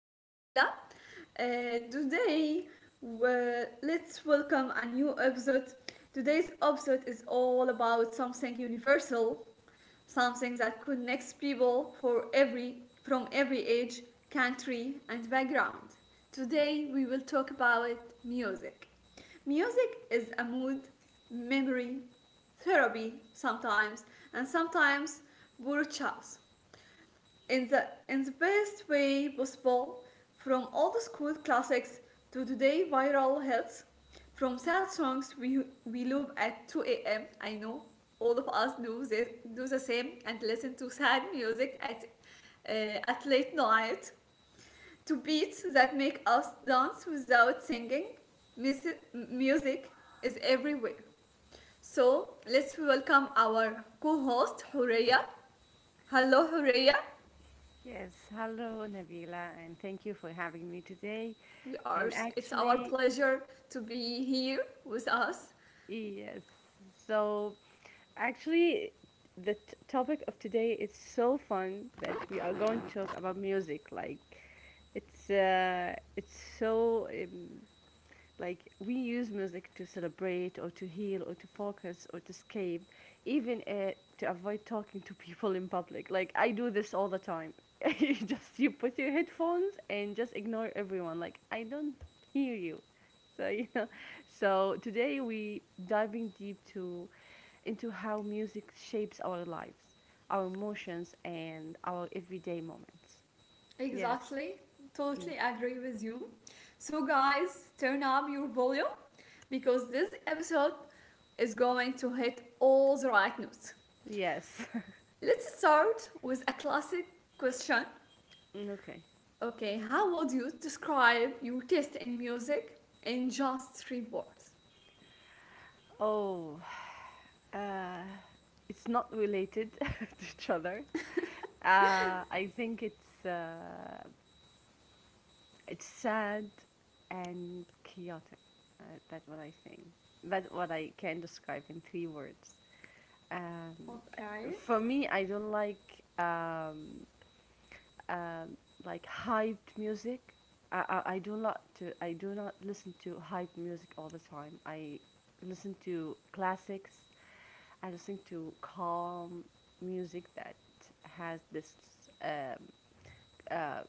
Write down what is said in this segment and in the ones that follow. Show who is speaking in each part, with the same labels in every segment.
Speaker 1: with Nabila. Uh, today, let's welcome a new episode. Today's episode is all about something universal, something that connects people for every from every age, country, and background. Today we will talk about music. Music is a mood, memory, therapy sometimes, and sometimes burchas in the best way possible, from old school classics to today viral hits. From sad songs we loop at 2 a.m. I know all of us do this, do the same and listen to sad music at late night, to beats that make us dance without singing. Music is everywhere. So let's welcome our co-host Horeya. Hello, Horeya.
Speaker 2: Yes, hello Nabila, and thank you for having me today.
Speaker 1: We are.
Speaker 2: And
Speaker 1: It's our
Speaker 2: actually,
Speaker 1: pleasure to be here with us.
Speaker 2: yes, so actually, the t- topic of today is so fun that we are going to talk about music. Like, it's so. Like we use music to celebrate or to heal or to focus or to escape, even to avoid talking to people in public. Like I do this all the time. you just you put your headphones and just ignore everyone. Like I don't hear you. So So today we diving deep to into how music shapes our lives, our emotions and our everyday moments. Yes.
Speaker 1: Exactly.
Speaker 2: Mm.
Speaker 1: Totally agree with you. So, guys, turn up your volume because this episode is going to hit all the right notes.
Speaker 2: Yes.
Speaker 1: Let's start with a classic question.
Speaker 2: Okay.
Speaker 1: Okay, how would you describe your taste in music in just three words?
Speaker 2: Oh, Uh, it's not related to each other. I think it's sad and chaotic. Uh, that's what I think. That's what I can describe in three words. Um,
Speaker 1: Okay.
Speaker 2: for me, I don't like. Um, like hyped music. I do not listen to hyped music all the time. I listen to classics. I listen to calm music that has this um, uh,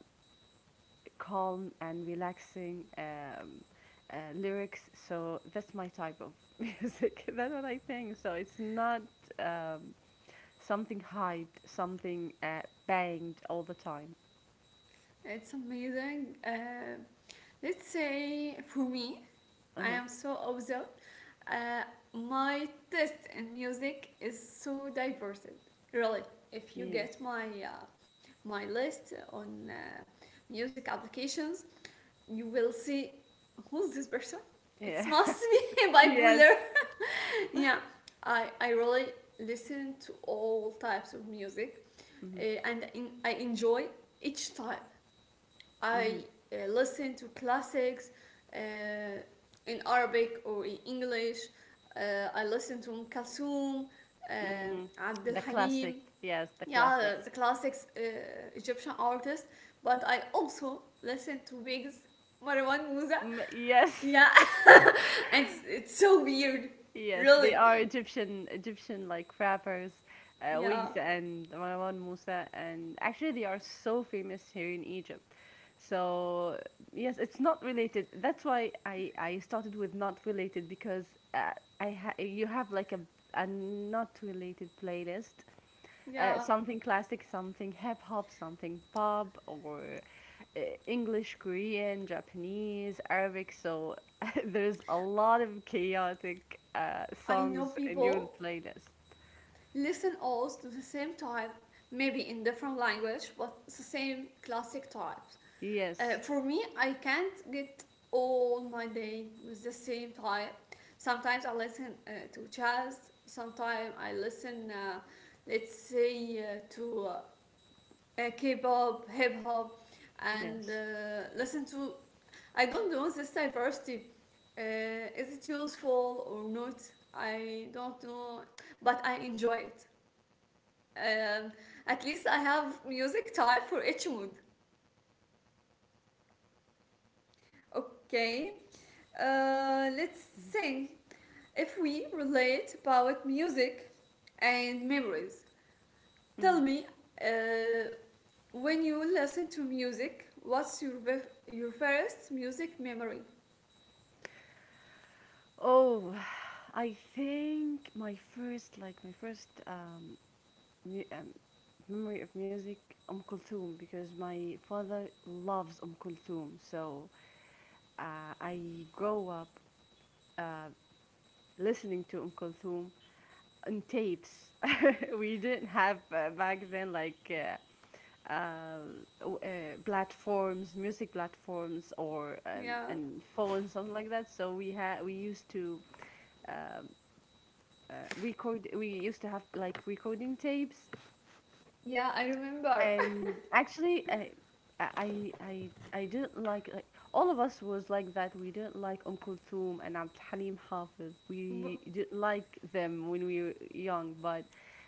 Speaker 2: calm and relaxing lyrics. So that's my type of music. That's what I think. So it's not um, something hyped, something banged all the time.
Speaker 1: It's amazing. Let's say for me,
Speaker 2: Uh
Speaker 1: I
Speaker 2: huh.
Speaker 1: am so observed. Uh, my taste in music is so diverse. Really, if you
Speaker 2: Yes.
Speaker 1: get my my list on music applications, you will see who's this person. It
Speaker 2: Yeah.
Speaker 1: must be
Speaker 2: Yes.
Speaker 1: bipolar. Yeah, I really listen to all types of music, uh,
Speaker 2: Hmm.
Speaker 1: and I enjoy each type.
Speaker 2: Hmm.
Speaker 1: I listen to classics uh, in Arabic or in English. I listen to Kalsoum,
Speaker 2: Hmm.
Speaker 1: Abdel
Speaker 2: The
Speaker 1: Halim,
Speaker 2: classic. Yes, the
Speaker 1: yeah,
Speaker 2: classics.
Speaker 1: the classics, Egyptian artists. But I also listen to Bigs, Marwan Musa.
Speaker 2: Mm, yes.
Speaker 1: Yeah, and it's so weird,
Speaker 2: Yes, they
Speaker 1: really.
Speaker 2: are Egyptian like rappers,
Speaker 1: Yeah,
Speaker 2: Wigs and Marwan Musa, and actually they are so famous here in Egypt. So yes, it's not related. That's why I started with not related because uh, you have like a not related playlist,
Speaker 1: yeah.
Speaker 2: something classic, something hip hop, something pop, or uh, English, Korean, Japanese, Arabic. So there's a lot of chaotic
Speaker 1: I know
Speaker 2: songs in your
Speaker 1: people
Speaker 2: playlist.
Speaker 1: listen all to the same type, maybe in different language, but it's the same classic types.
Speaker 2: Yes,
Speaker 1: For me, I can't get all my day with the same type. Sometimes I listen to jazz. Sometimes I listen, let's say, to K-pop, hip hop, and
Speaker 2: yes.
Speaker 1: listen to. I don't know this diversity. Uh, is it useful or not? I don't know, but I enjoy it. Um, at least I have music type for each mood. Okay. Let's think if we relate about music and memories. Tell
Speaker 2: Mhm.
Speaker 1: me, uh, when you listen to music, what's your first music memory?
Speaker 2: Oh, I think my first, like mu- um, memory of music, Kulthum, because my father loves Kulthum. So I grow up uh, listening to Kulthum on tapes. we didn't have back then like uh, w- platforms, music platforms, or
Speaker 1: Yeah,
Speaker 2: and phones, something like that. So we used to um, record. We used to have like recording tapes.
Speaker 1: Yeah, I remember.
Speaker 2: And actually, I didn't like all of us was like that. We didn't like Kulthum and Abd Halim Hafiz. We
Speaker 1: w-
Speaker 2: didn't like them when we were young, but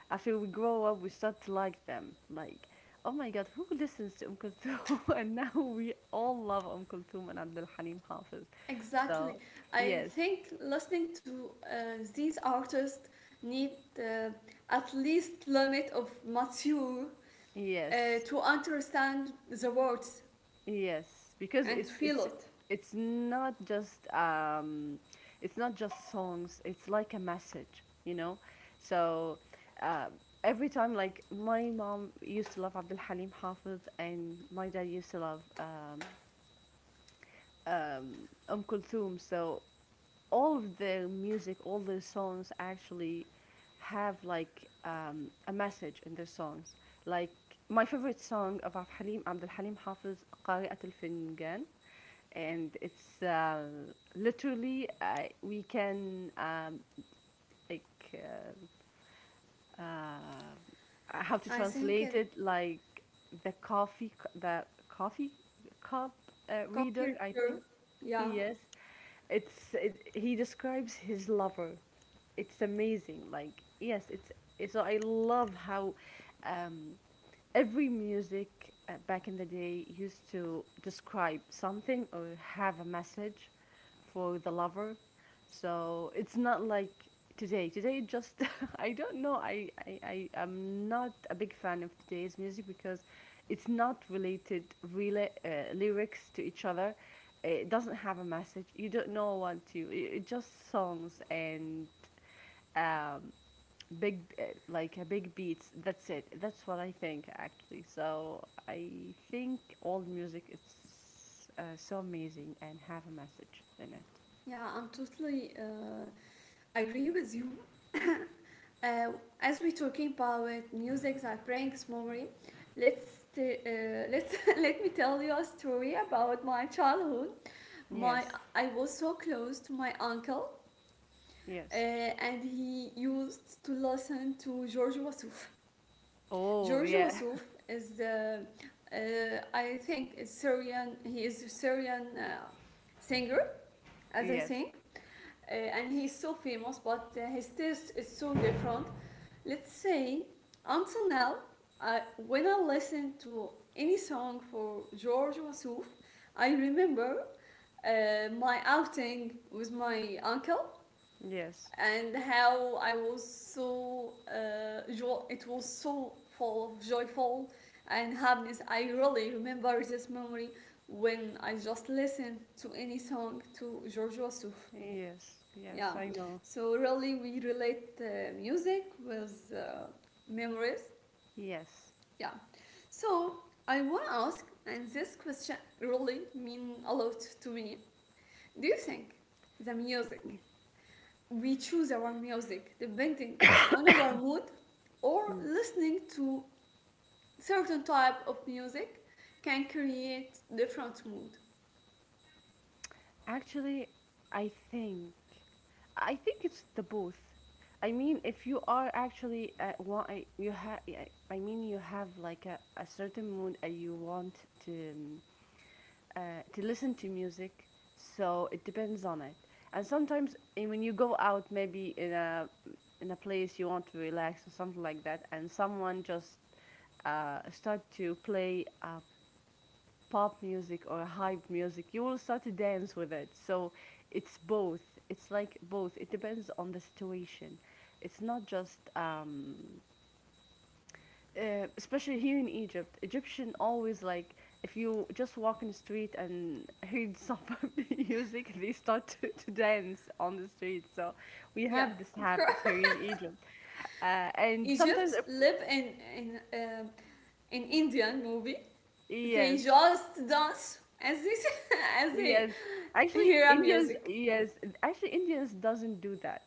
Speaker 2: after we grow up, we start to like them. Like, oh my God, who listens to Kulthum? And now we all love Kulthum and Abd Halim Hafiz.
Speaker 1: exactly.
Speaker 2: So,
Speaker 1: I
Speaker 2: yes,
Speaker 1: think listening to these artists need uh, at least limit of mature
Speaker 2: yes.
Speaker 1: to understand the words
Speaker 2: Yes, because
Speaker 1: and feel it.
Speaker 2: it's not just um it's not just songs, it's like a message, you know? So uh, every time like my mom used to love Abdul Halim Hafiz and my dad used to love Kulthum, so all of their music, all their songs actually have like a message in their songs. Like my favorite song of Abdul Halim Hafiz, قارئة الفنجان, and it's literally we can like uh, uh, how to
Speaker 1: I think it
Speaker 2: translate it like the coffee cup
Speaker 1: Coffee
Speaker 2: reader, I
Speaker 1: ritual.
Speaker 2: think.
Speaker 1: Yeah,
Speaker 2: Yes, he describes his lover. It's amazing. Like yes, it's so I love how um, every music back in the day used to describe something or have a message for the lover. So it's not like today. Today, just I don't know. I am not a big fan of today's music because it's not related really lyrics to each other. It doesn't have a message. You don't know what to. It just songs and um, big like a big beats, that's it. That's what I think actually. So I think old music is so amazing and have a message in it.
Speaker 1: yeah, I'm totally agree with you. Uh, as we're talking about music that brings memory, let's t- let's let me tell you a story about my childhood. My
Speaker 2: Yes,
Speaker 1: I was so close to my uncle,
Speaker 2: yes.
Speaker 1: and he used to listen to George Wassouf.
Speaker 2: Oh
Speaker 1: George
Speaker 2: yeah.
Speaker 1: Wassouf is the I think is Syrian. He is a Syrian singer, as I
Speaker 2: Yes,
Speaker 1: think and he's so famous, but his taste is so different. Let's say until now, I, when I listen to any song for George Wasouf, I remember my outing with my uncle
Speaker 2: yes,
Speaker 1: and how I was so it was so full of joyful and happiness. I really remember this memory when I just listened to any song to George Wasouf.
Speaker 2: yes, yes,
Speaker 1: Yeah.
Speaker 2: I know.
Speaker 1: So really, we relate music with memories.
Speaker 2: Yes.
Speaker 1: Yeah. So I want to ask, and this question really mean a lot to me. Do you think the music, we choose our music depending on our mood, or
Speaker 2: Mm.
Speaker 1: listening to certain type of music can create different mood?
Speaker 2: Actually, I think I think it's the both. I mean, if you are actually you have, I mean, you have like a certain mood and you want to um, to listen to music, so it depends on it. And sometimes eh, when you go out, maybe in a place you want to relax or something like that, and someone just start to play pop music or hype music, you will start to dance with it. So it's both. It's like both. It depends on the situation. It's not just, especially here in Egypt. Egyptian always like, if you just walk in the street and heard some music, they start to dance on the street. So we
Speaker 1: Yeah,
Speaker 2: have this
Speaker 1: of
Speaker 2: habit
Speaker 1: course.
Speaker 2: here in Egypt, and sometimes
Speaker 1: Egypt
Speaker 2: if,
Speaker 1: live in an Indian movie. They
Speaker 2: yes.
Speaker 1: just dance as they as they
Speaker 2: Yes, actually,
Speaker 1: hear a
Speaker 2: India's
Speaker 1: music.
Speaker 2: yes, actually, Indians doesn't do that.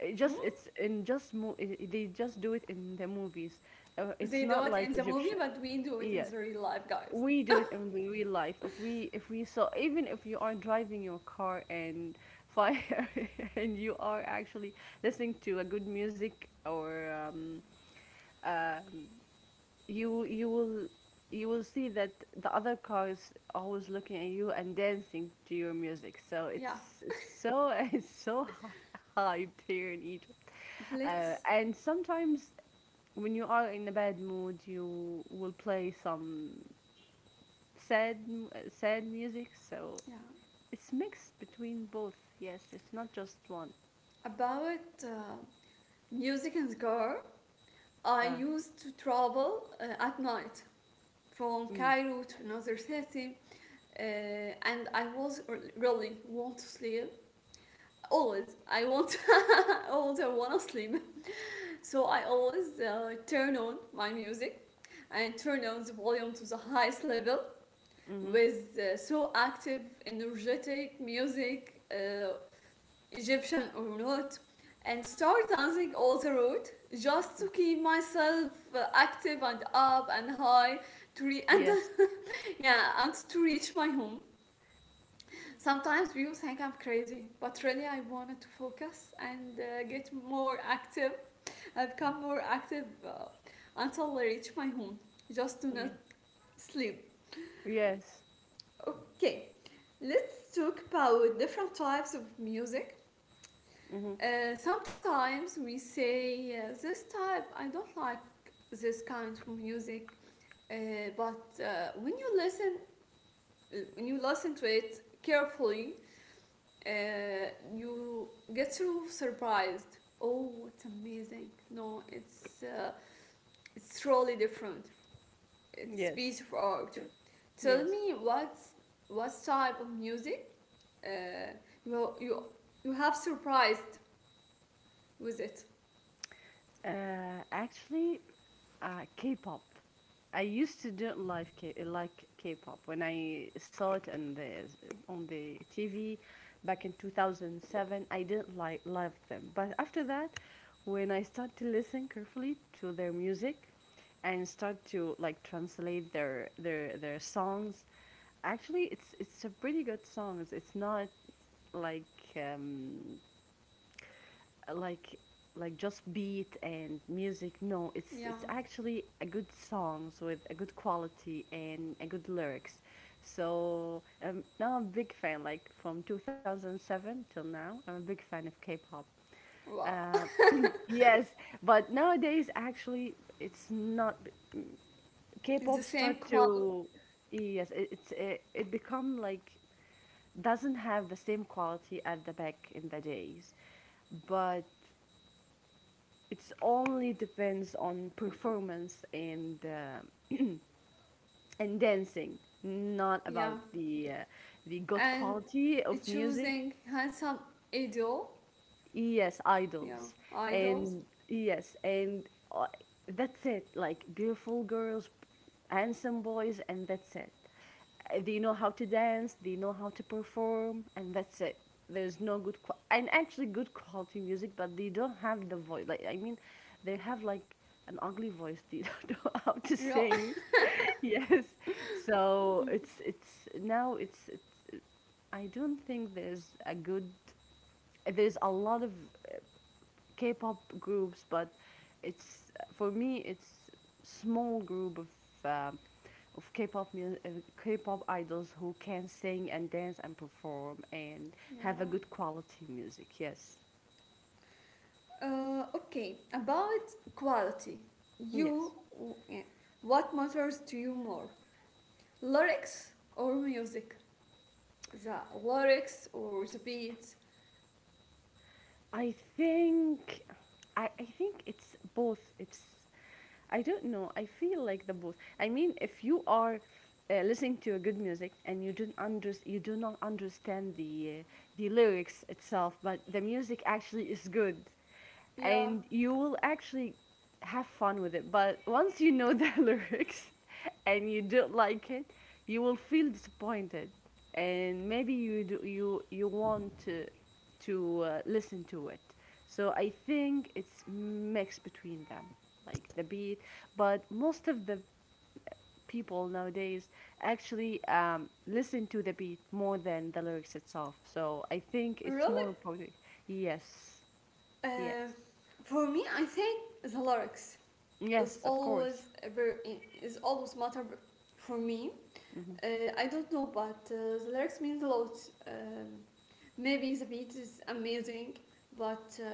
Speaker 2: It
Speaker 1: Mm?
Speaker 2: just it's in just mo it, they just do it in the movies. It's
Speaker 1: They do
Speaker 2: not
Speaker 1: it
Speaker 2: like
Speaker 1: in the movie,
Speaker 2: Egyptian.
Speaker 1: but we do it in
Speaker 2: Yes,
Speaker 1: the real life, guys.
Speaker 2: we do it in the real life. If we saw, even if you are driving your car and fire and you are actually listening to a good music or um you you will you will see that the other car is always looking at you and dancing to your music. So
Speaker 1: Yeah,
Speaker 2: it's so hyped here in Egypt.
Speaker 1: let's,
Speaker 2: And sometimes when you are in a bad mood, you will play some sad music. So
Speaker 1: yeah,
Speaker 2: it's mixed between both. Yes, it's not just one.
Speaker 1: about music and car. I
Speaker 2: Uh,
Speaker 1: used to travel at night from
Speaker 2: mm,
Speaker 1: Cairo to another city, uh, and I was really want to sleep. Always, I want, always I want to sleep. So I always turn on my music and turn on the volume to the highest level
Speaker 2: mm-hmm.
Speaker 1: with so active, energetic music, Egyptian or not, and start dancing all the road just to keep myself active and up and high to re- and
Speaker 2: Yes.
Speaker 1: yeah, and to reach my home. Sometimes people think I'm crazy, but really I wanted to focus and get more active. I become more active until I reach my home, just to
Speaker 2: Yeah.
Speaker 1: not sleep.
Speaker 2: Yes.
Speaker 1: Okay, let's talk about different types of music.
Speaker 2: Mm-hmm.
Speaker 1: Sometimes we say this type, I don't like this kind of music, uh, but when you listen to it carefully, uh, you get so surprised. Oh, it's amazing! No, it's really different. It's
Speaker 2: Yes.
Speaker 1: piece of art. Tell
Speaker 2: Yes.
Speaker 1: me what type of music uh, you you you have surprised with it.
Speaker 2: Uh, actually, K-pop. I used to don't like K-pop when I saw it on the TV back in 2007. I didn't like love them, but after that, when I start to listen carefully to their music and start to like translate their songs, actually it's a pretty good songs. It's not like like just beat and music. No, it's
Speaker 1: Yeah,
Speaker 2: it's actually a good songs with a good quality and a good lyrics. So now I'm a big fan. Like from 2007 till now, I'm a big fan of K-pop.
Speaker 1: wow,
Speaker 2: Uh, yes, but nowadays actually it's not.
Speaker 1: it's
Speaker 2: K-pop
Speaker 1: the same
Speaker 2: start
Speaker 1: quality.
Speaker 2: to, yes, it become like doesn't have the same quality at the back in the days, but it's only depends on performance and dancing, not about
Speaker 1: Yeah,
Speaker 2: the good
Speaker 1: and
Speaker 2: quality of music.
Speaker 1: choosing handsome idol.
Speaker 2: Yes, idols.
Speaker 1: Yeah,
Speaker 2: And
Speaker 1: idols.
Speaker 2: yes, and uh, that's it. Like beautiful girls, handsome boys, and that's it. They know how to dance, they know how to perform, and that's it. There's no good qua and actually good quality music, but they don't have the voice. Like I mean, they have like an ugly voice. They don't know how to
Speaker 1: Real.
Speaker 2: sing. Yes. So
Speaker 1: Mm,
Speaker 2: it's now it's I don't think there's a good. There's a lot of K-pop groups, but it's for me it's small group um of K-pop idols who can sing and dance and perform and have a
Speaker 1: yeah.
Speaker 2: good quality music. Yes,
Speaker 1: Okay, about quality.
Speaker 2: yes.
Speaker 1: You, yeah, what matters to you more? Lyrics or music? The lyrics or the beats?
Speaker 2: I think I think it's both. It's, I don't know. I feel like the both. I mean, if you are listening to a good music and you don't under, you do not understand the lyrics itself, but the music actually is good,
Speaker 1: Yeah,
Speaker 2: and you will actually have fun with it. But once you know the lyrics and you don't like it, you will feel disappointed, and maybe you want to listen to it. So I think it's mixed between them, like the beat. But most of the people nowadays actually listen to the beat more than the lyrics itself. So I think it's
Speaker 1: really?
Speaker 2: more important. Yes, yes,
Speaker 1: Uh, for me, I think the lyrics is
Speaker 2: yes, of course.
Speaker 1: always a very, is always matter for me.
Speaker 2: Hmm.
Speaker 1: I don't know, but the lyrics means a lot. Um, maybe the beat is amazing, but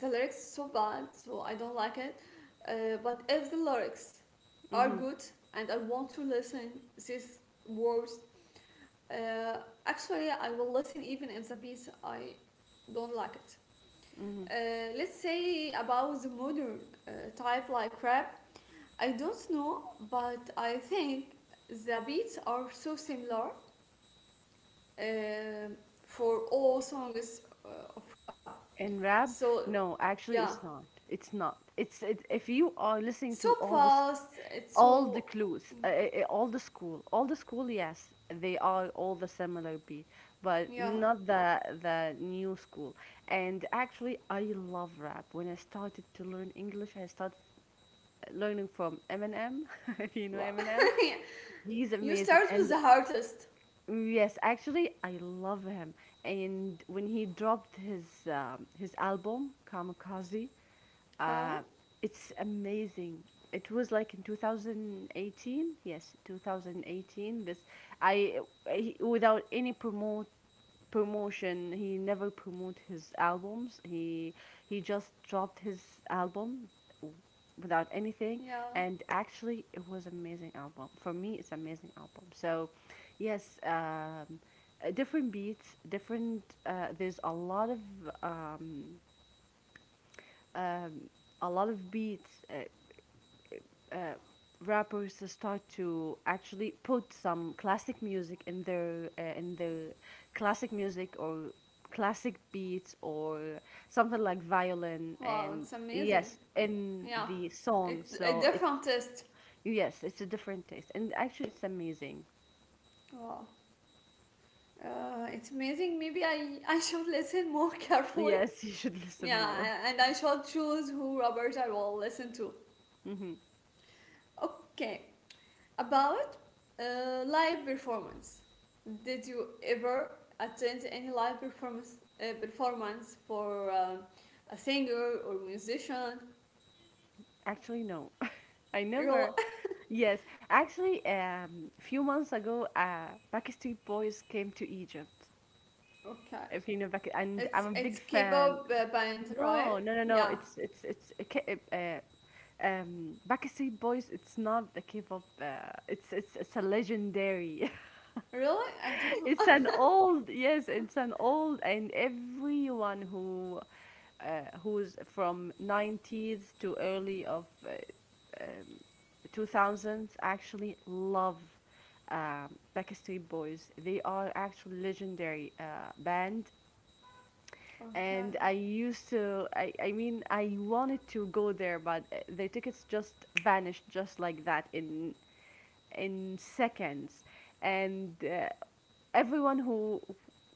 Speaker 1: the lyrics so bad, so I don't like it. But if the lyrics are
Speaker 2: Hmm.
Speaker 1: good and I want to listen these words, uh, actually I will listen even if the beat I don't like it.
Speaker 2: Hmm.
Speaker 1: Let's say about the modern type like rap. I don't know, but I think the beats are so similar um, for all songs of rap.
Speaker 2: In rap,
Speaker 1: So
Speaker 2: no, actually,
Speaker 1: yeah,
Speaker 2: it's not. It's not. If you are listening
Speaker 1: it's so
Speaker 2: to
Speaker 1: fast. It's
Speaker 2: all the
Speaker 1: so
Speaker 2: clues, all the school, all the school. Yes, they are all the similar beat, but
Speaker 1: yeah.
Speaker 2: not the the new school. And actually, I love rap. When I started to learn English, I started learning from Eminem. If you know
Speaker 1: Wow.
Speaker 2: Eminem,
Speaker 1: Yeah.
Speaker 2: he's
Speaker 1: You
Speaker 2: amazing,
Speaker 1: start with
Speaker 2: and
Speaker 1: the hardest.
Speaker 2: yes, actually, I love him. And when he dropped his album Kamikaze,
Speaker 1: Huh?
Speaker 2: uh, it's amazing. It was like in 2018. Yes, 2018. This I, I without any promote promotion. He never promote his albums. He just dropped his album w- without anything,
Speaker 1: Yeah.
Speaker 2: and actually it was amazing album for me. It's amazing album. So yes, different beats, different there's um, um a lot of beats. Uh, Rappers start to actually put some classic music in their classic music, or classic beats, or something like violin,
Speaker 1: Wow,
Speaker 2: and
Speaker 1: it's amazing.
Speaker 2: yes, in
Speaker 1: Yeah,
Speaker 2: the song,
Speaker 1: it a
Speaker 2: so it's,
Speaker 1: different test.
Speaker 2: yes, it's a different taste, and actually it's amazing.
Speaker 1: Wow. It's amazing. Maybe I should listen more carefully.
Speaker 2: Yes. You should listen
Speaker 1: Yeah,
Speaker 2: more.
Speaker 1: and I should choose who rappers I will listen to.
Speaker 2: Hmm.
Speaker 1: Okay. About live performance. Did you ever attend any live performance for a singer or musician?
Speaker 2: Actually no. I
Speaker 1: Really?
Speaker 2: never. Yes, actually, few months ago, Backstreet Boys came to Egypt.
Speaker 1: Okay.
Speaker 2: If you know Becky, and I'm a
Speaker 1: It's
Speaker 2: big fan.
Speaker 1: K-pop band, right?
Speaker 2: No, no, no, no.
Speaker 1: Yeah.
Speaker 2: Backstreet Boys. It's not the K-pop. It's a legendary.
Speaker 1: Really? I don't know.
Speaker 2: It's an old. Yes. It's an old, and everyone who. Who's from 90s to early of um, 2000s actually love Backstreet Boys. They are actually legendary band,
Speaker 1: Okay.
Speaker 2: and I used to. I mean, I wanted to go there, but the tickets just vanished just like that in seconds, and everyone who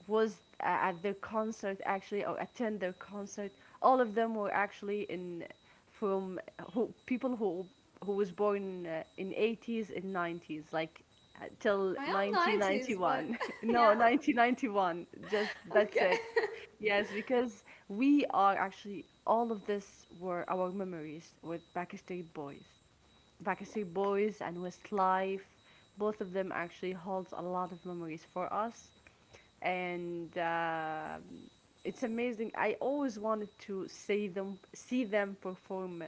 Speaker 2: was at their concert actually, or attend their concert, all of them were actually in from who people who was born in 80s and 90s, like till
Speaker 1: I am 90s, but
Speaker 2: 1991. No,
Speaker 1: yeah.
Speaker 2: 1991. Just that's
Speaker 1: Okay.
Speaker 2: it. Yes, because we are actually all of this were our memories with Pakistani boys. Backstreet Boys and Westlife. Both of them actually holds a lot of memories for us, and it's amazing. I always wanted to see them perform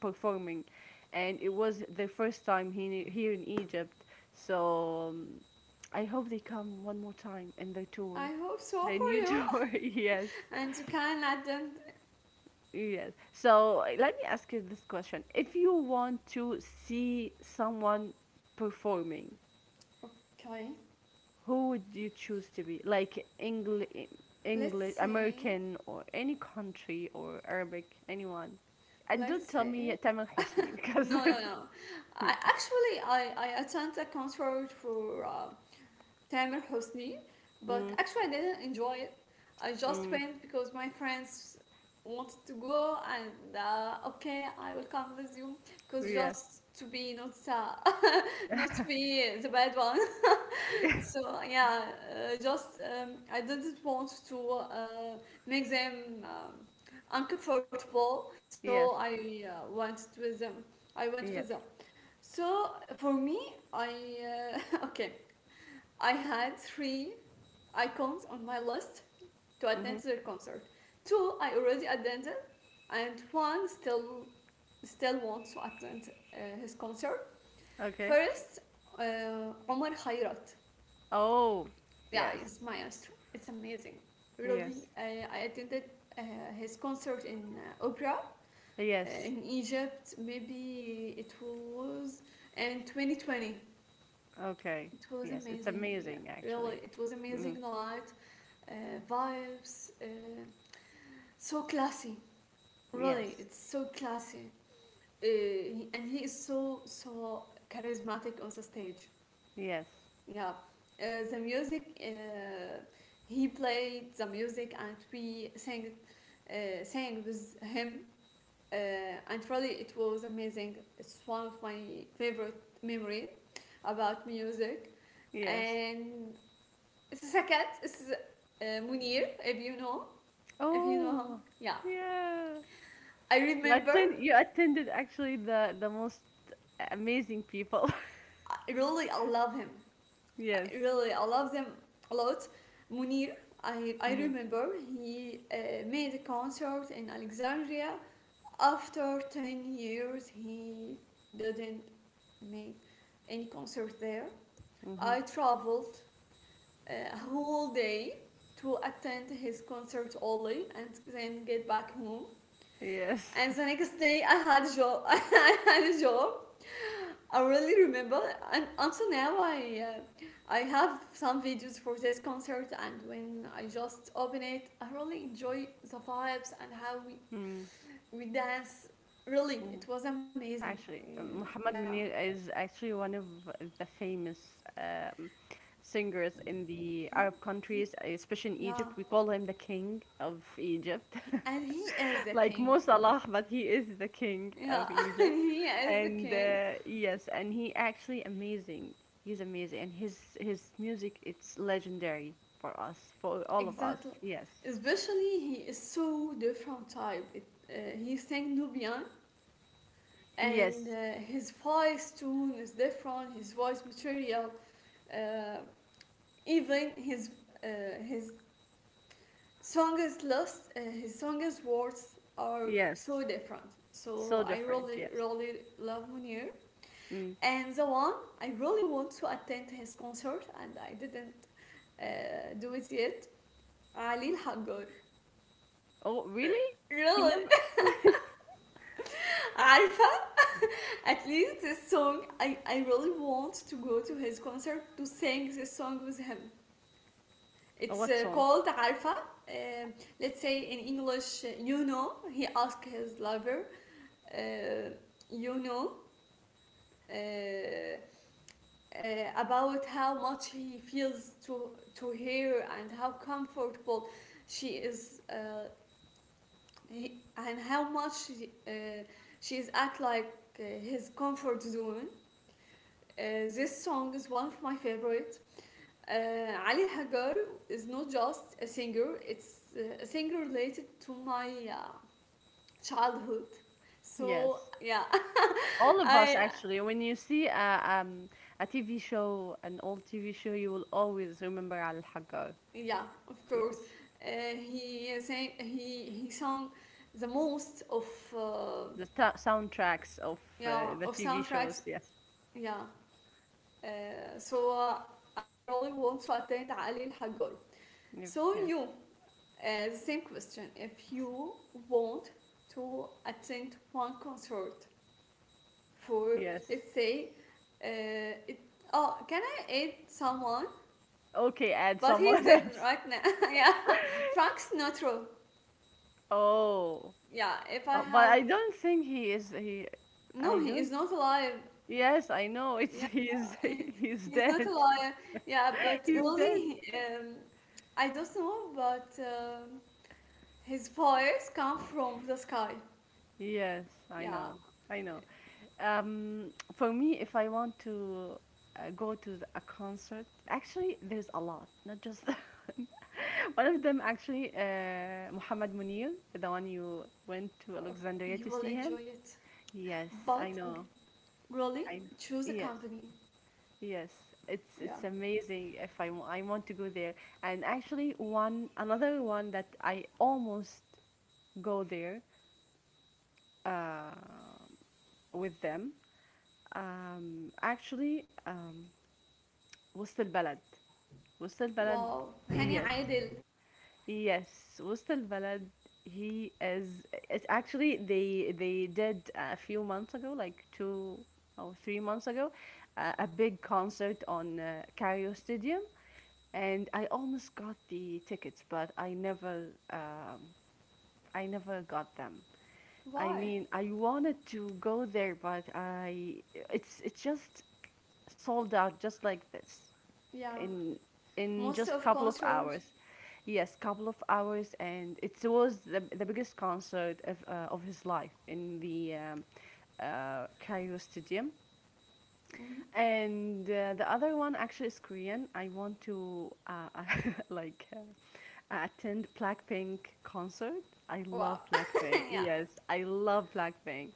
Speaker 2: performing, and it was their first time here in Egypt. So I hope they come one more time in their tour,
Speaker 1: I hope so
Speaker 2: their
Speaker 1: for
Speaker 2: new
Speaker 1: you.
Speaker 2: tour. Yes.
Speaker 1: And you can attend.
Speaker 2: Yes. So let me ask you this question. If you want to see someone performing,
Speaker 1: Okay.
Speaker 2: who would you choose to be? Like English,
Speaker 1: Let's say.
Speaker 2: American, or any country, or Arabic, anyone. And
Speaker 1: Let's
Speaker 2: don't tell
Speaker 1: say
Speaker 2: me Tamil Hosni because.
Speaker 1: no, no, no. I actually I attended a concert for Tamer Hosni, but
Speaker 2: Mm.
Speaker 1: actually I didn't enjoy it. I just
Speaker 2: Mm.
Speaker 1: went because my friends wanted to go, and okay, I will come with you, because
Speaker 2: Yes.
Speaker 1: just to be not not to be the bad one. So yeah, just I didn't want to make them uncomfortable,
Speaker 2: Yes.
Speaker 1: so I went with them. I went
Speaker 2: Yes.
Speaker 1: with them. So for me, I okay, I had three icons on my list to
Speaker 2: Mm-hmm.
Speaker 1: attend their concert. Two I already attended, and one still wants to attend his concert.
Speaker 2: Okay.
Speaker 1: First, Omar Khayrat,
Speaker 2: Oh,
Speaker 1: yeah,
Speaker 2: yes.
Speaker 1: he's maestro. It's amazing. Really,
Speaker 2: Yes.
Speaker 1: I attended uh, his concert in opera
Speaker 2: Yes.
Speaker 1: in Egypt. Maybe it was in 2020.
Speaker 2: Okay.
Speaker 1: It was
Speaker 2: Yes. It's
Speaker 1: amazing. Yeah,
Speaker 2: amazing, actually.
Speaker 1: really, it was
Speaker 2: Mm-hmm.
Speaker 1: amazing night. Uh, vibes, so classy. Really,
Speaker 2: Yes.
Speaker 1: it's so classy. And he is so charismatic on the stage.
Speaker 2: Yes.
Speaker 1: Yeah, the music. He played the music, and we sang, sang with him. Uh, and really, it was amazing. It's one of my favorite memory about music.
Speaker 2: Yes.
Speaker 1: And the second is Munir, if you know him.
Speaker 2: Oh,
Speaker 1: Yeah,
Speaker 2: yeah.
Speaker 1: I remember.
Speaker 2: You attended actually the most amazing people.
Speaker 1: I really, I love him.
Speaker 2: Yes.
Speaker 1: I really, I love them a lot. Munir, I
Speaker 2: Hmm.
Speaker 1: remember he made a concert in Alexandria. After 10 years, he didn't make any concert there.
Speaker 2: Hmm.
Speaker 1: I traveled a whole day to attend his concert only and then get back home.
Speaker 2: Yes.
Speaker 1: And the next day I had a job. I had a job. I really remember. And until now, I have some videos for this concert. And when I just open it, I really enjoy the vibes and how we
Speaker 2: Mm.
Speaker 1: we dance. Really, it
Speaker 2: Mhm.
Speaker 1: was amazing.
Speaker 2: Actually,
Speaker 1: Yeah,
Speaker 2: Muhammad
Speaker 1: yeah.
Speaker 2: Munir is actually one of the famous singers in the
Speaker 1: He,
Speaker 2: Arab
Speaker 1: he,
Speaker 2: countries, especially in Egypt.
Speaker 1: yeah.
Speaker 2: We call him the king of Egypt.
Speaker 1: And he is the
Speaker 2: Like
Speaker 1: king.
Speaker 2: Mo Salah, but he is the king
Speaker 1: Yeah,
Speaker 2: of
Speaker 1: and
Speaker 2: Egypt.
Speaker 1: he is the
Speaker 2: And
Speaker 1: king.
Speaker 2: yes, and he actually amazing. He's amazing, and his music it's legendary for us, for all of us.
Speaker 1: Exactly.
Speaker 2: Yes,
Speaker 1: Especially he is so different type. It, he sang Nubian and
Speaker 2: yes,
Speaker 1: his voice tone is different, his voice material, uh, even his song list, his song words are
Speaker 2: yes.
Speaker 1: so different, so
Speaker 2: So
Speaker 1: I
Speaker 2: different.
Speaker 1: really
Speaker 2: Yes.
Speaker 1: really love Munir.
Speaker 2: Mm.
Speaker 1: And the one I really want to attend his concert and I didn't do it yet, Ali Hagar.
Speaker 2: Oh, really? He
Speaker 1: Really,
Speaker 2: never.
Speaker 1: عارفة. At least this song, I really want to go to his concert to sing this song with him.
Speaker 2: Oh,
Speaker 1: It's
Speaker 2: what song?
Speaker 1: called عارفة. Um let's say in English, he asked his lover, uh, you know uh, about how much he feels to her, and how comfortable she is, he, and how much uh, she's at, like, his comfort zone. This song is one of my favorite. Ali Hagar is not just a singer, it's a singer related to my childhood.
Speaker 2: Yes.
Speaker 1: So, yeah,
Speaker 2: All of us
Speaker 1: I,
Speaker 2: actually. When you see a TV show, an old TV show, you will always remember Al Hagar.
Speaker 1: yeah, of course.
Speaker 2: Yes.
Speaker 1: He sang the most of, uh,
Speaker 2: the ta- soundtracks of
Speaker 1: yeah,
Speaker 2: the
Speaker 1: of
Speaker 2: TV shows.
Speaker 1: soundtracks,
Speaker 2: Yes.
Speaker 1: yeah. Uh, so, uh, I really want to attend Ali Hagar.
Speaker 2: Nev-
Speaker 1: So,
Speaker 2: Yes.
Speaker 1: you. The same question. If you want to attend one concert for,
Speaker 2: Yes.
Speaker 1: let's say, uh, it, oh, can I add someone?
Speaker 2: Okay, add
Speaker 1: But he's
Speaker 2: someone
Speaker 1: dead
Speaker 2: else.
Speaker 1: right now. Yeah, Frank Sinatra.
Speaker 2: Oh.
Speaker 1: Yeah, if I
Speaker 2: But I
Speaker 1: have—
Speaker 2: don't think he is. He, I
Speaker 1: no, he
Speaker 2: don't.
Speaker 1: is not alive.
Speaker 2: Yes, I know. It's
Speaker 1: Yeah,
Speaker 2: he is.
Speaker 1: he,
Speaker 2: He's
Speaker 1: he's not
Speaker 2: dead.
Speaker 1: alive. Yeah, but
Speaker 2: He's dead.
Speaker 1: really, I don't know, but his voice comes from the sky.
Speaker 2: Yes, I
Speaker 1: Yeah,
Speaker 2: know. I know. For me, if I want to go to a concert, actually, there's a lot, not just one of them. Actually, Muhammad Munir, the one you went to Alexandria
Speaker 1: you
Speaker 2: to
Speaker 1: will
Speaker 2: see him.
Speaker 1: enjoy it.
Speaker 2: Yes, I
Speaker 1: But
Speaker 2: know.
Speaker 1: really,
Speaker 2: I know.
Speaker 1: choose a
Speaker 2: Yes,
Speaker 1: company.
Speaker 2: yes. It's
Speaker 1: Yeah.
Speaker 2: it's amazing. If I want to go there, and actually, one another one that I almost go there uh, with them. Actually, وسط البلد وسط البلد
Speaker 1: Wow. Hani
Speaker 2: yes,
Speaker 1: Aidil.
Speaker 2: yes, وسط البلد, he is, it's actually they did a few months ago, like 2 or 3 months ago, a big concert on Cario Stadium, and I almost got the tickets, but I never got them. I
Speaker 1: Why?
Speaker 2: mean, I wanted to go there, but I it's it just sold out just like this
Speaker 1: Yeah.
Speaker 2: in
Speaker 1: Most
Speaker 2: just
Speaker 1: of
Speaker 2: couple of
Speaker 1: concerts.
Speaker 2: hours. Yes, couple of hours, and it was the biggest concert of his life in the Cairo Stadium.
Speaker 1: Mhm.
Speaker 2: And the other one actually is Korean. I want to like attend Blackpink concert. I
Speaker 1: Wow.
Speaker 2: love Blackpink.
Speaker 1: Yeah.
Speaker 2: Yes, I love Blackpink.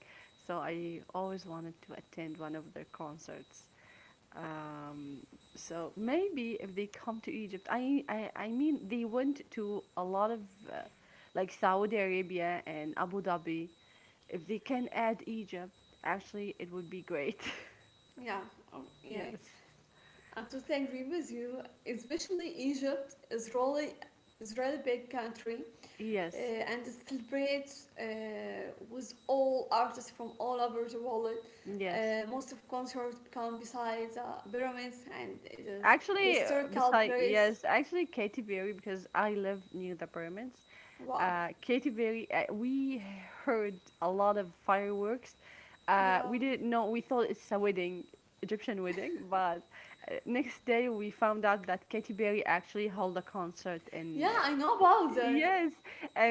Speaker 2: So I always wanted to attend one of their concerts. Um, so maybe if they come to Egypt, I mean, they went to a lot of uh, like Saudi Arabia and Abu Dhabi. If they can add Egypt, actually, it would be great.
Speaker 1: Yeah. Oh, yeah.
Speaker 2: Yes.
Speaker 1: I totally agree with you. Especially Egypt is really big country,
Speaker 2: Yes,
Speaker 1: and it celebrates with all artists from all over the world.
Speaker 2: yes.
Speaker 1: Most of concerts become besides pyramids and it is
Speaker 2: Actually,
Speaker 1: historical
Speaker 2: beside
Speaker 1: place.
Speaker 2: yes, actually Katy Perry because I live near the pyramids.
Speaker 1: Wow.
Speaker 2: Katy Perry, we heard a lot of fireworks.
Speaker 1: Yeah.
Speaker 2: We didn't know. We thought it's a wedding, Egyptian wedding, but next day we found out that Katy Perry actually held a concert in.
Speaker 1: Yeah, I know about that.
Speaker 2: Yes,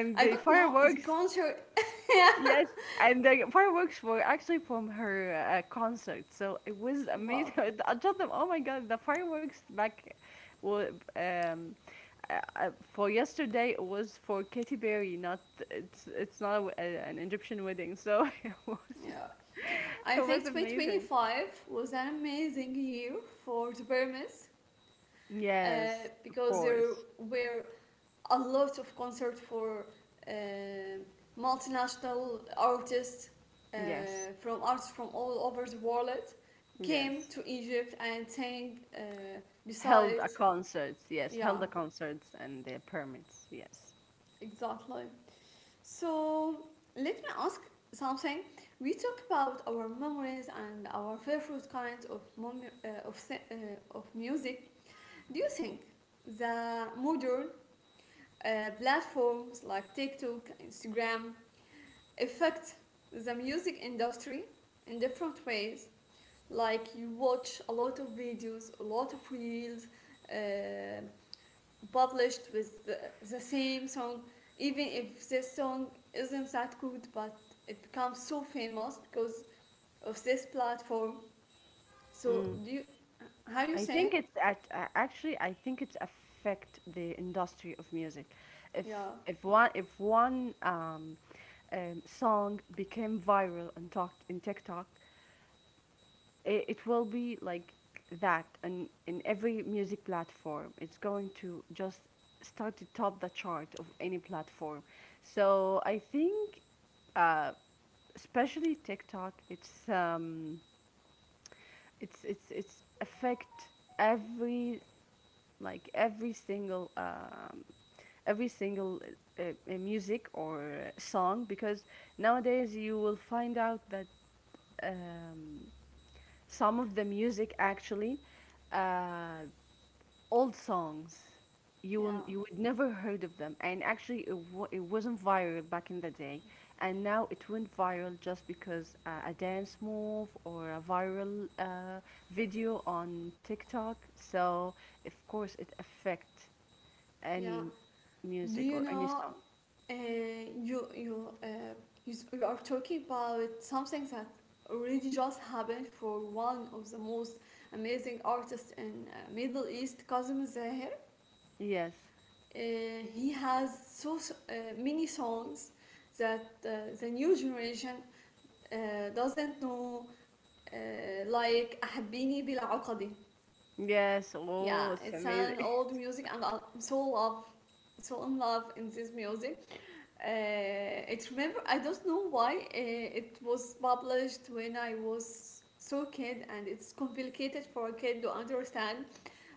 Speaker 1: I don't
Speaker 2: the
Speaker 1: know the
Speaker 2: fireworks.
Speaker 1: concert. Yeah.
Speaker 2: Yes, and the fireworks were actually from her concert, so it was
Speaker 1: Wow.
Speaker 2: amazing. I told them, "Oh my God, the fireworks back were, um, for yesterday it was for Katy Perry, not it's not a an Egyptian wedding." So it was
Speaker 1: Yeah. I think
Speaker 2: amazing.
Speaker 1: 2025 was an amazing year for the pyramids,
Speaker 2: Yes, of
Speaker 1: because there
Speaker 2: course.
Speaker 1: were a lot of concerts for uh, multinational artists, uh,
Speaker 2: Yes,
Speaker 1: from artists from all over the world, came
Speaker 2: yes.
Speaker 1: to Egypt and sang,
Speaker 2: Held a
Speaker 1: besides.
Speaker 2: concert. Yes,
Speaker 1: Yeah,
Speaker 2: held the concerts and the permits. Yes.
Speaker 1: exactly. So let me ask something. We talk about our memories and our favorite kinds of music. Do you think the modern platforms like TikTok, Instagram affect the music industry in different ways? Like, you watch a lot of videos, a lot of reels, uh, published with the same song, even if this song isn't that good, but it becomes so famous because of this platform. So
Speaker 2: Mm.
Speaker 1: do you— how you
Speaker 2: I
Speaker 1: say—
Speaker 2: think it's at, actually I think it's affect the industry of music. If
Speaker 1: yeah,
Speaker 2: one song became viral and talked in TikTok, it will be like that and in every music platform. It's going to just start to top the chart of any platform. So I think uh, especially TikTok, it's it's affect every, like every single, every single music or song, because nowadays you will find out that um, some of the music actually, uh, old songs you
Speaker 1: yeah,
Speaker 2: will you would never heard of them, and actually it wasn't viral back in the day, and now it went viral just because a dance move or a viral video on TikTok, so of course it affect
Speaker 1: yeah.
Speaker 2: any
Speaker 1: Do
Speaker 2: music
Speaker 1: you
Speaker 2: or any
Speaker 1: know,
Speaker 2: song.
Speaker 1: uh, you you uh, you are talking about something that already just happened for one of the most amazing artists in Middle East, Kazım Zahir.
Speaker 2: Yes.
Speaker 1: He has so, many songs that the new generation doesn't know, like أحبيني بلا عقدي.
Speaker 2: Yes.
Speaker 1: Yeah,
Speaker 2: Oh, it's
Speaker 1: it's an
Speaker 2: amazing.
Speaker 1: old music, and I'm so love, so in love in this music. It— remember, I don't know why, it was published when I was so kid, and it's complicated for a kid to understand.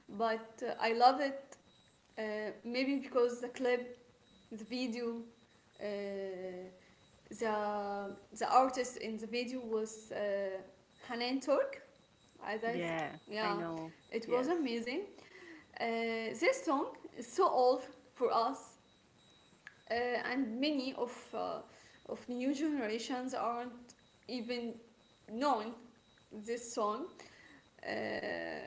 Speaker 1: But I love it. Maybe because the video, uh, the artist in the video was Hanan Turk, as I
Speaker 2: Yeah, I
Speaker 1: yeah,
Speaker 2: know.
Speaker 1: it was
Speaker 2: Yes.
Speaker 1: amazing. uh, this song is so old for us, and many of, of new generations aren't even known this song. uh,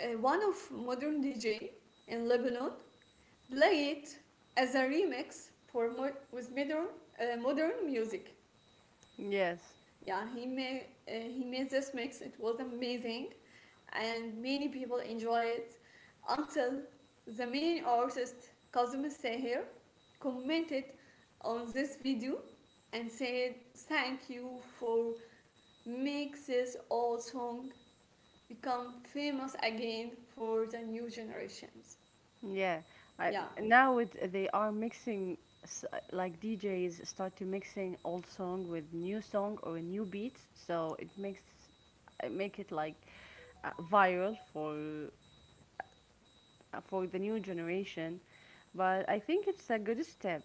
Speaker 1: One of modern DJ in Lebanon play it as a remix for with modern, modern music.
Speaker 2: Yes.
Speaker 1: Yeah, he made, he made this mix. It was amazing, and many people enjoy it. Until the main artist Kazım Seher commented on this video and said, "Thank you for making this old song become famous again for the new generations."
Speaker 2: Yeah. I
Speaker 1: Yeah,
Speaker 2: Now it they are mixing s- like DJs start to mixing old song with new song or new beats, so it makes it make it like viral for the new generation. But I think it's a good step.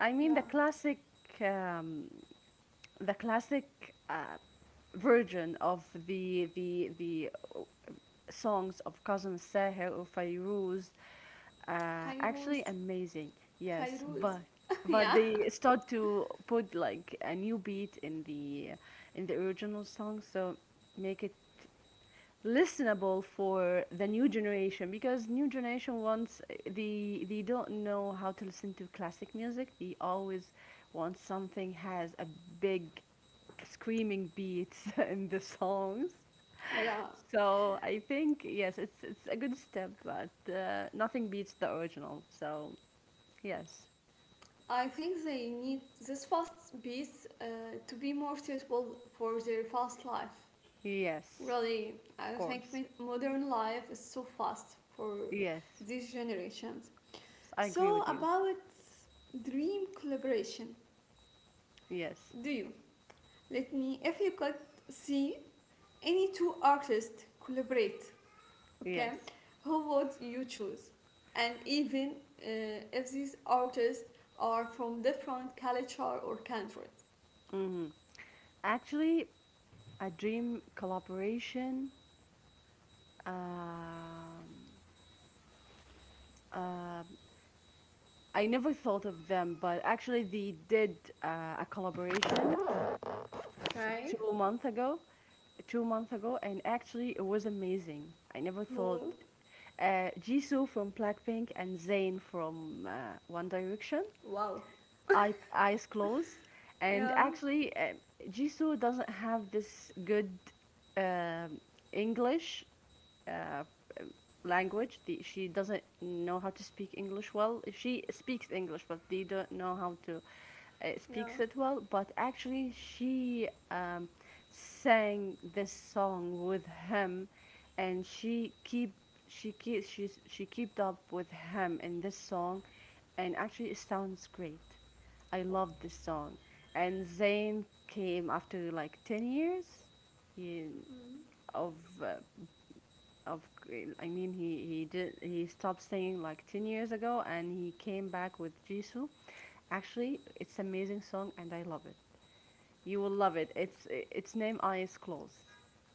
Speaker 2: I mean,
Speaker 1: yeah.
Speaker 2: the classic um, the classic uh, version of the songs of Kazım Saher or Fairuz, actually
Speaker 1: Fairuz.
Speaker 2: amazing. Yes,
Speaker 1: Fairuz.
Speaker 2: but
Speaker 1: Yeah.
Speaker 2: they start to put like a new beat in the original song, so make it listenable for the new generation, because new generation wants, they don't know how to listen to classic music. They always want something has a big screaming beats in the songs.
Speaker 1: Yeah.
Speaker 2: So I think yes, it's a good step, but nothing beats the original. So yes,
Speaker 1: I think they need this fast beats, to be more suitable for their fast life.
Speaker 2: yes,
Speaker 1: Really, I
Speaker 2: of
Speaker 1: think
Speaker 2: course,
Speaker 1: modern life is so fast for
Speaker 2: yes,
Speaker 1: these generations.
Speaker 2: I agree
Speaker 1: So,
Speaker 2: with you.
Speaker 1: about dream collaboration,
Speaker 2: Yes,
Speaker 1: do you? Let me, if you could see any two artists collaborate, okay,
Speaker 2: yes.
Speaker 1: who would you choose, and even uh, if these artists are from different culture or countries,
Speaker 2: Hmm. Actually, a dream collaboration. Um, uh, I never thought of them, but actually they did a collaboration
Speaker 1: okay,
Speaker 2: 2 months ago, 2 months ago, and actually it was amazing. I never thought
Speaker 1: who,
Speaker 2: Jisoo from Blackpink and Zayn from One Direction.
Speaker 1: wow,
Speaker 2: I, eyes closed, and
Speaker 1: yeah,
Speaker 2: actually Jisoo doesn't have this good um English uh, language. The, she doesn't know how to speak English well. She speaks English, but they don't know how to
Speaker 1: yeah,
Speaker 2: speaks it well. But actually, she sang this song with him, and she keep she keep she kept up with him in this song, and actually it sounds great. I
Speaker 1: wow,
Speaker 2: love this song. And Zayn came after like 10 years in,
Speaker 1: mhm,
Speaker 2: of uh, of I mean he did he stopped singing like 10 years ago, and he came back with Jisoo. Actually, it's amazing song and I love it. You will love it. It's its name Eyes Closed.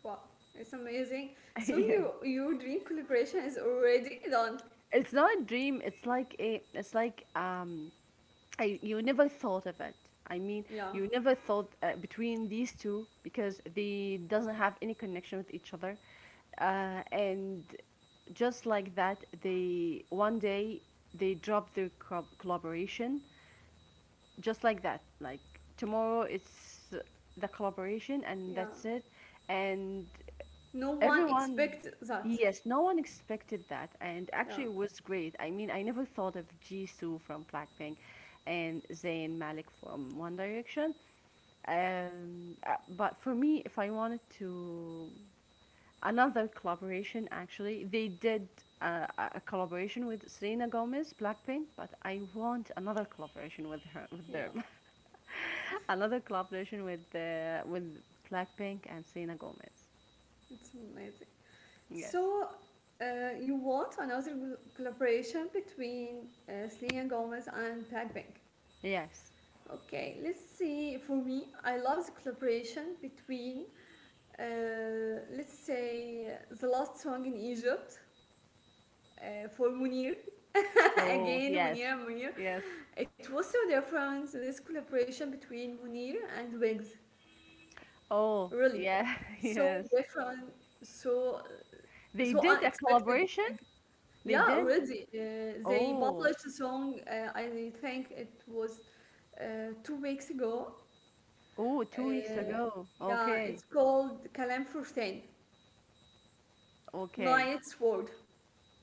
Speaker 1: wow. It's amazing. So
Speaker 2: Yeah.
Speaker 1: your dream collaboration is already done.
Speaker 2: It's not a dream. It's like a it's like I, you never thought of it. I mean,
Speaker 1: Yeah,
Speaker 2: you never thought between these two because they doesn't have any connection with each other, and just like that, they one day they drop their collaboration. Just like that, like tomorrow it's the collaboration, and
Speaker 1: yeah,
Speaker 2: that's it, and.
Speaker 1: no one
Speaker 2: Everyone,
Speaker 1: expects that.
Speaker 2: yes, no one expected that, and
Speaker 1: Yeah,
Speaker 2: actually it was great. I mean, I never thought of Jisoo from Blackpink and Zayn Malik from One Direction. But for me, if I wanted to another collaboration, actually, they did a collaboration with Selena Gomez, Blackpink, but I want another collaboration with her, with
Speaker 1: yeah,
Speaker 2: them, another collaboration with Blackpink and Selena Gomez.
Speaker 1: it's amazing.
Speaker 2: Yes,
Speaker 1: So, you want another collaboration between Selena Gomez and Blackpink.
Speaker 2: yes.
Speaker 1: Okay, let's see. For me, I love the collaboration between, let's say, the last song in Egypt, for Munir.
Speaker 2: Oh,
Speaker 1: Again,
Speaker 2: yes.
Speaker 1: Munir and Munir.
Speaker 2: Yes.
Speaker 1: It was so different, this collaboration between Munir and Wigs.
Speaker 2: Oh,
Speaker 1: Really.
Speaker 2: yeah.
Speaker 1: So
Speaker 2: Yes.
Speaker 1: different, so,
Speaker 2: They
Speaker 1: so
Speaker 2: did a
Speaker 1: unexpected.
Speaker 2: collaboration? They
Speaker 1: Yeah,
Speaker 2: did?
Speaker 1: already. They
Speaker 2: Oh.
Speaker 1: published the song, I think it was 2 weeks ago.
Speaker 2: Oh, 2 weeks
Speaker 1: Uh,
Speaker 2: ago.
Speaker 1: yeah, it's
Speaker 2: Okay.
Speaker 1: called Kalam Furtain,
Speaker 2: Okay.
Speaker 1: Night's Word.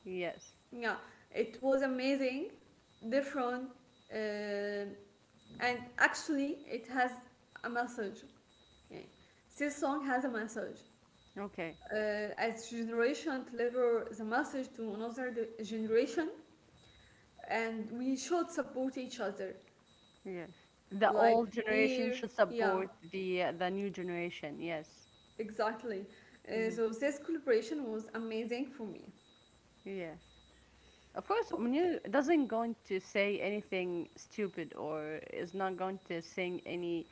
Speaker 2: Yes.
Speaker 1: Yeah, it was amazing, different, uh, and actually, it has a message. Yeah. This song has a message.
Speaker 2: Okay.
Speaker 1: As generation deliver the message to another generation, and we should support each other,
Speaker 2: Yes. The
Speaker 1: like
Speaker 2: old generation
Speaker 1: near,
Speaker 2: should
Speaker 1: yeah,
Speaker 2: support the new generation. Yes.
Speaker 1: exactly.
Speaker 2: Hmm.
Speaker 1: So this collaboration was amazing for me.
Speaker 2: Yes. Of course,
Speaker 1: Okay.
Speaker 2: Munir doesn't going to say anything stupid, or is not going to sing any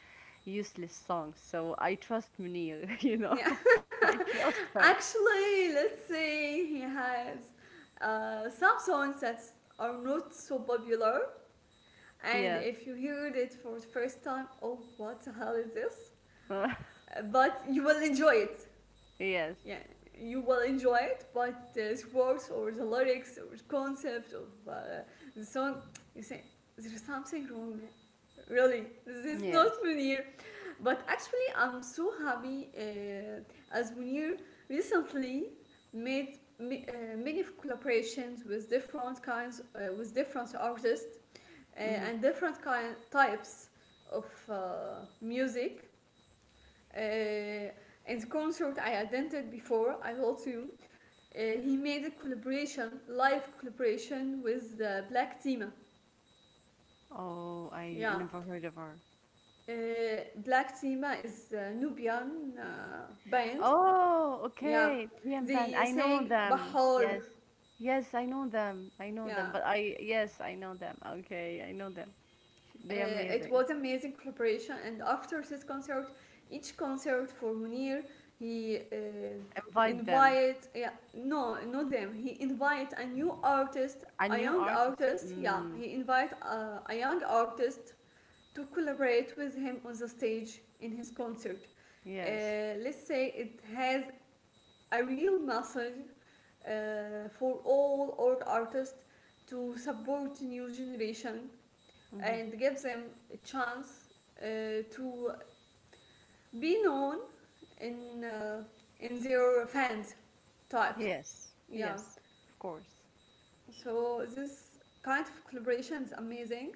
Speaker 2: useless songs. So I trust Munir, you know.
Speaker 1: Yeah.
Speaker 2: I trust him.
Speaker 1: Actually, let's say, he has some songs that are not so popular, and
Speaker 2: Yes.
Speaker 1: if you heard it for the first time, oh, what the hell is this. But you will enjoy it.
Speaker 2: Yes.
Speaker 1: Yeah, you will enjoy it, but the words or the lyrics or the concept of the song, you say there's something wrong, really, this is not
Speaker 2: Yes.
Speaker 1: Munir. But actually, I'm so happy, as Munir recently made, many collaborations with different kinds, with different artists,
Speaker 2: Mhm.
Speaker 1: and different kind types of music. In the concert I attended before, I told you, he made a collaboration, live collaboration, with the Black Team.
Speaker 2: Oh, I
Speaker 1: Yeah.
Speaker 2: never heard of her.
Speaker 1: Black Tima is a Nubian band.
Speaker 2: Oh,
Speaker 1: Yeah,
Speaker 2: okay. The BM band.
Speaker 1: they
Speaker 2: I know
Speaker 1: sang
Speaker 2: them.
Speaker 1: Bahar.
Speaker 2: Yes. Yes, I know them.
Speaker 1: Yeah,
Speaker 2: But I, yes, I know them. Okay, I know them. They're
Speaker 1: uh, it
Speaker 2: amazing.
Speaker 1: was amazing collaboration. And after this concert, each concert for Munir, he
Speaker 2: Invite them.
Speaker 1: invite— yeah, no, not them. He invite a new artist,
Speaker 2: A
Speaker 1: a
Speaker 2: new
Speaker 1: young
Speaker 2: artist.
Speaker 1: artist. Yeah,
Speaker 2: Mm,
Speaker 1: he invite a young artist to collaborate with him on the stage in his concert.
Speaker 2: yes.
Speaker 1: Let's say, it has a real message for all old artists to support new generation
Speaker 2: Hmm.
Speaker 1: and give them a chance to be known in, in their fans types.
Speaker 2: Yes.
Speaker 1: Yeah.
Speaker 2: Yes. Of course.
Speaker 1: So this kind of collaboration is amazing.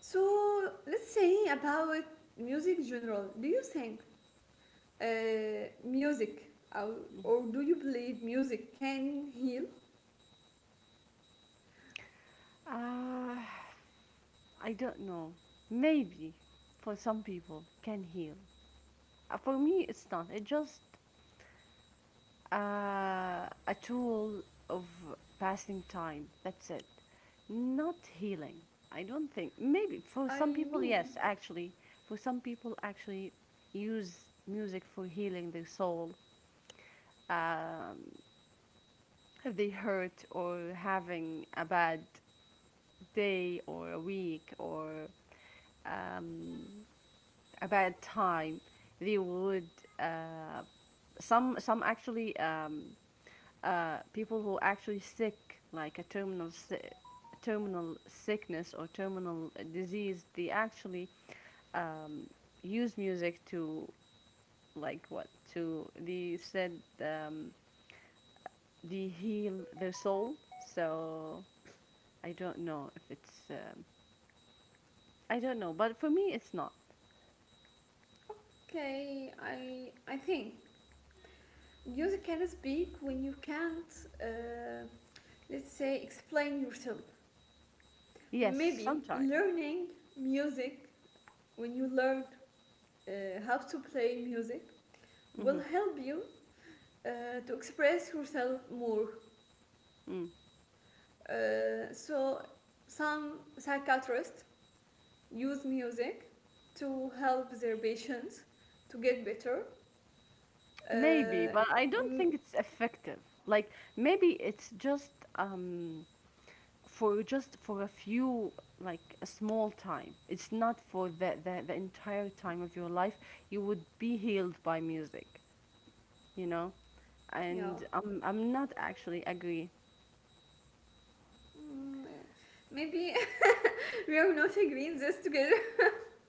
Speaker 1: So let's say about music general. Do you think uh, music or,
Speaker 2: Mhm.
Speaker 1: or do you believe music can heal?
Speaker 2: Uh, I don't know. Maybe for some people can heal. For me, it's not. It just a tool of passing time. That's it. Not healing. I don't think. Maybe for
Speaker 1: I
Speaker 2: some people,
Speaker 1: mean,
Speaker 2: yes, actually. For some people, actually use music for healing their soul. Um, if they hurt or having a bad day or a week or um, about time they would uh, some actually people who actually sick like a terminal sickness or terminal disease they actually um, use music to like what to they said, um, they heal their soul, so I don't know if it's I don't know, but for me it's not.
Speaker 1: okay, I think music can speak when you can't, let's say, explain yourself.
Speaker 2: Yes,
Speaker 1: Maybe
Speaker 2: sometimes.
Speaker 1: learning music, when you learn how to play music, will help you to express yourself more.
Speaker 2: Hmm.
Speaker 1: So some psychiatrists use music to help their patients to get better.
Speaker 2: Maybe,
Speaker 1: Uh,
Speaker 2: but I don't
Speaker 1: mm,
Speaker 2: think it's effective. Like maybe it's just for just for a few, like a small time. It's not for the entire time of your life. You would be healed by music, you know?
Speaker 1: yeah.
Speaker 2: And I'm not actually agree.
Speaker 1: Mm, maybe we are not agreeing this together.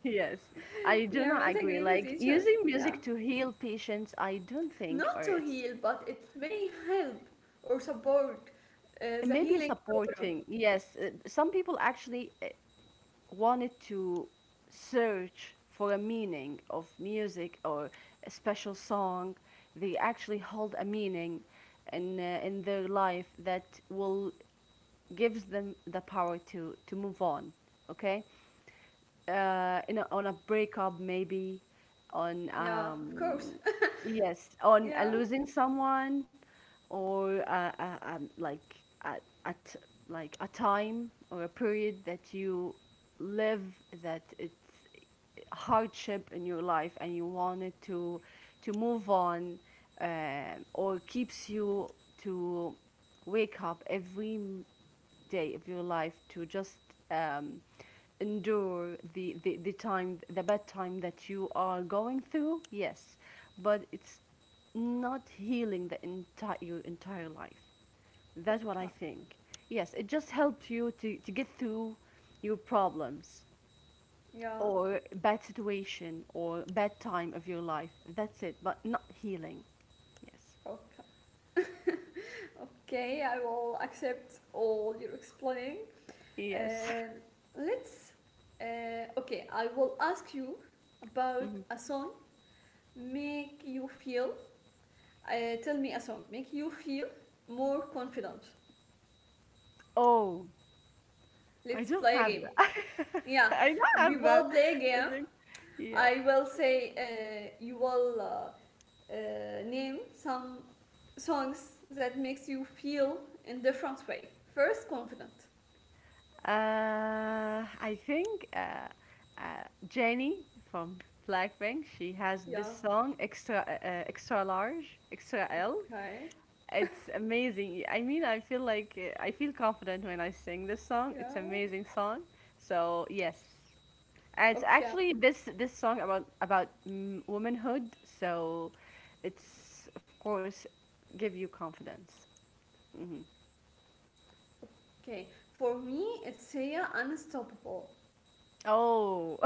Speaker 2: Yes, I
Speaker 1: We
Speaker 2: do
Speaker 1: are
Speaker 2: not
Speaker 1: not
Speaker 2: agree.
Speaker 1: agreeing with
Speaker 2: Like
Speaker 1: each other.
Speaker 2: using
Speaker 1: Yeah.
Speaker 2: music to heal patients, I don't think,
Speaker 1: Not
Speaker 2: or
Speaker 1: to
Speaker 2: it's
Speaker 1: heal, but it may help or support the
Speaker 2: maybe
Speaker 1: healing program.
Speaker 2: supporting. Yes, some people actually wanted to search for a meaning of music or a special song, they actually hold a meaning in their life that will gives them the power to move on. Okay? Uh, in on a breakup maybe, on
Speaker 1: Yeah, of course.
Speaker 2: yes, on
Speaker 1: Yeah.
Speaker 2: losing someone or like at like a time or a period that you live that it's hardship in your life and you wanted to move on, or keeps you to wake up every day of your life to just um, endure the time, the bad time that you are going through, yes, but it's not healing the entire your entire life. That's what I
Speaker 1: Okay.
Speaker 2: think. Yes, it just helps you to get through your problems
Speaker 1: Yeah.
Speaker 2: or bad situation or bad time of your life. That's it, but not healing. Yes.
Speaker 1: Okay. Okay, I will accept all your explaining.
Speaker 2: Yes.
Speaker 1: Um, let's. Okay, I will ask you about
Speaker 2: Mhm.
Speaker 1: a song make you feel. Tell me a song make you feel more confident.
Speaker 2: Oh, I
Speaker 1: Let's
Speaker 2: don't
Speaker 1: play a
Speaker 2: have
Speaker 1: game.
Speaker 2: that.
Speaker 1: Yeah,
Speaker 2: I don't
Speaker 1: we
Speaker 2: have that.
Speaker 1: will play a
Speaker 2: I
Speaker 1: game.
Speaker 2: think, yeah.
Speaker 1: I will say, you will name some songs that makes you feel in different way. First, confident.
Speaker 2: I think Jennie from Blackpink, she has this
Speaker 1: Yeah.
Speaker 2: song extra extra large, extra L.
Speaker 1: Okay.
Speaker 2: It's amazing. I mean, I feel like I feel confident when I sing this song. It's
Speaker 1: Yeah.
Speaker 2: amazing song. So yes, and it's
Speaker 1: Okay.
Speaker 2: actually this song about mm, womanhood. So it's of course give you confidence. Hmm.
Speaker 1: Okay. For me, it's Sia Unstoppable.
Speaker 2: Oh,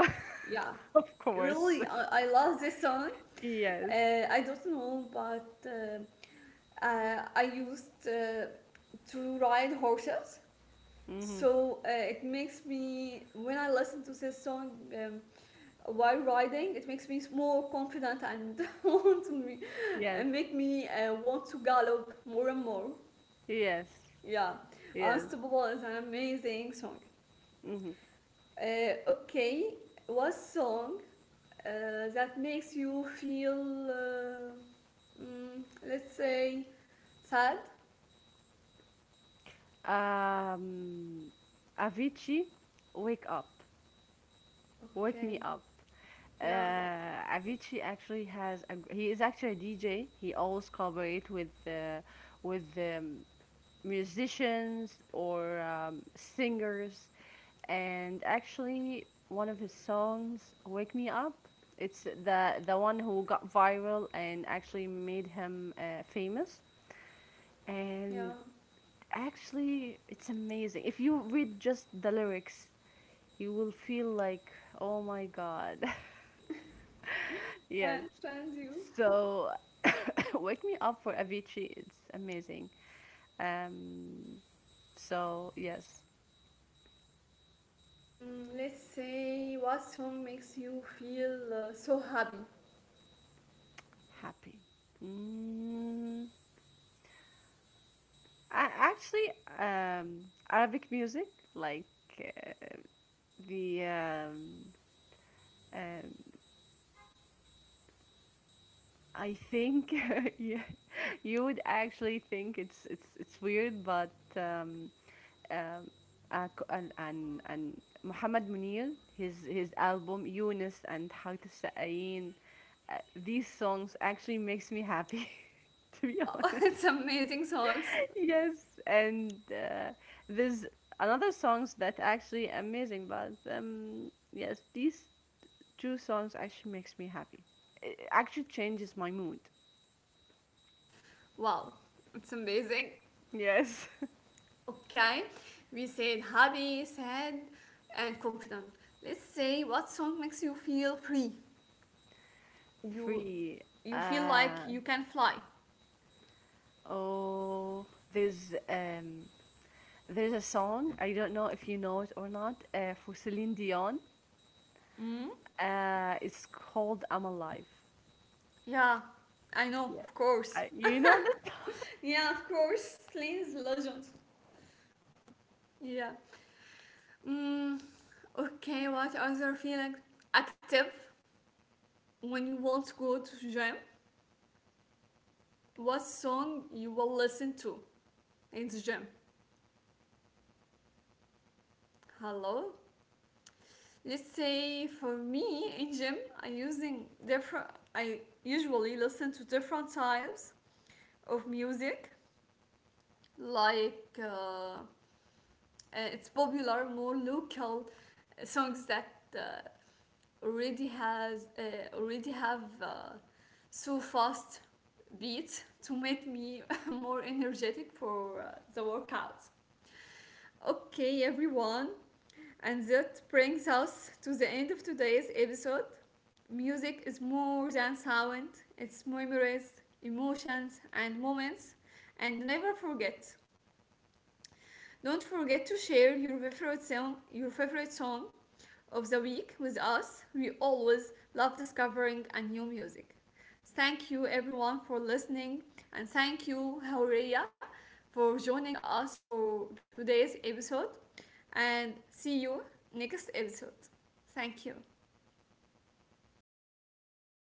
Speaker 1: Yeah.
Speaker 2: of course.
Speaker 1: Really, I love this song.
Speaker 2: Yes.
Speaker 1: I don't know, but I used to ride horses.
Speaker 2: Hmm.
Speaker 1: So it makes me, when I listen to this song, um, while riding, it makes me more confident and want to me,
Speaker 2: Yes.
Speaker 1: and make me want to gallop more and more.
Speaker 2: Yes.
Speaker 1: Yeah,
Speaker 2: Yes.
Speaker 1: Unstoppable is an amazing song.
Speaker 2: Hmm.
Speaker 1: Okay, what song that makes you feel, let's say, sad?
Speaker 2: Um, Avicii, wake up, wake me
Speaker 1: Okay,
Speaker 2: up.
Speaker 1: yeah,
Speaker 2: Avicii actually has a, he is actually a DJ. He always collaborate with musicians or singers. And actually, one of his songs, "Wake Me Up," it's the one who got viral and actually made him famous.
Speaker 1: yeah,
Speaker 2: And actually, it's amazing. If you read just the lyrics, you will feel like, "Oh my God!"
Speaker 1: I
Speaker 2: Yes.
Speaker 1: understand you.
Speaker 2: So, "Wake Me Up" for Avicii, it's amazing. Um, so yes.
Speaker 1: Mm, let's say, what song makes you feel so happy?
Speaker 2: Happy. Mm, I actually um, Arabic music, like uh, the um, I think, yeah, you would actually think it's it's weird, but um, um, and Muhammad Munir, his album Yunus and Heart Sa'ayin, these songs actually makes me happy, to be
Speaker 1: Wow,
Speaker 2: honest.
Speaker 1: it's amazing songs.
Speaker 2: Yes, and there's another songs that actually amazing, but yes, these two songs actually makes me happy. It actually changes my mood.
Speaker 1: Wow, it's amazing.
Speaker 2: Yes,
Speaker 1: Okay, we said happy, sad, and confident. Let's say, what song makes you feel free? You
Speaker 2: free.
Speaker 1: you feel like
Speaker 2: Uh,
Speaker 1: you can fly.
Speaker 2: oh, there's um, there's a song I don't know if you know it or not for Celine Dion.
Speaker 1: Mm?
Speaker 2: It's called "I'm Alive."
Speaker 1: Yeah, I know,
Speaker 2: Yeah,
Speaker 1: of course.
Speaker 2: I, you know this.
Speaker 1: Yeah, of course, Slane's legend. Yeah. Mm, okay, what other feeling? Active, when you won't go to gym, what song you will listen to in the gym? Hello. Let's say for me in gym, I using different. I usually listen to different types of music, like, it's popular more local songs that uh, already have so fast beat to make me more energetic for the workout. Okay, everyone, and that brings us to the end of today's episode. Music is more than sound, it's memories, emotions, and moments. And never forget, don't forget to share your favorite song of the week with us. We always love discovering a new music. Thank you everyone for listening, and thank you Hauria for joining us for today's episode, and see you next episode. Thank you.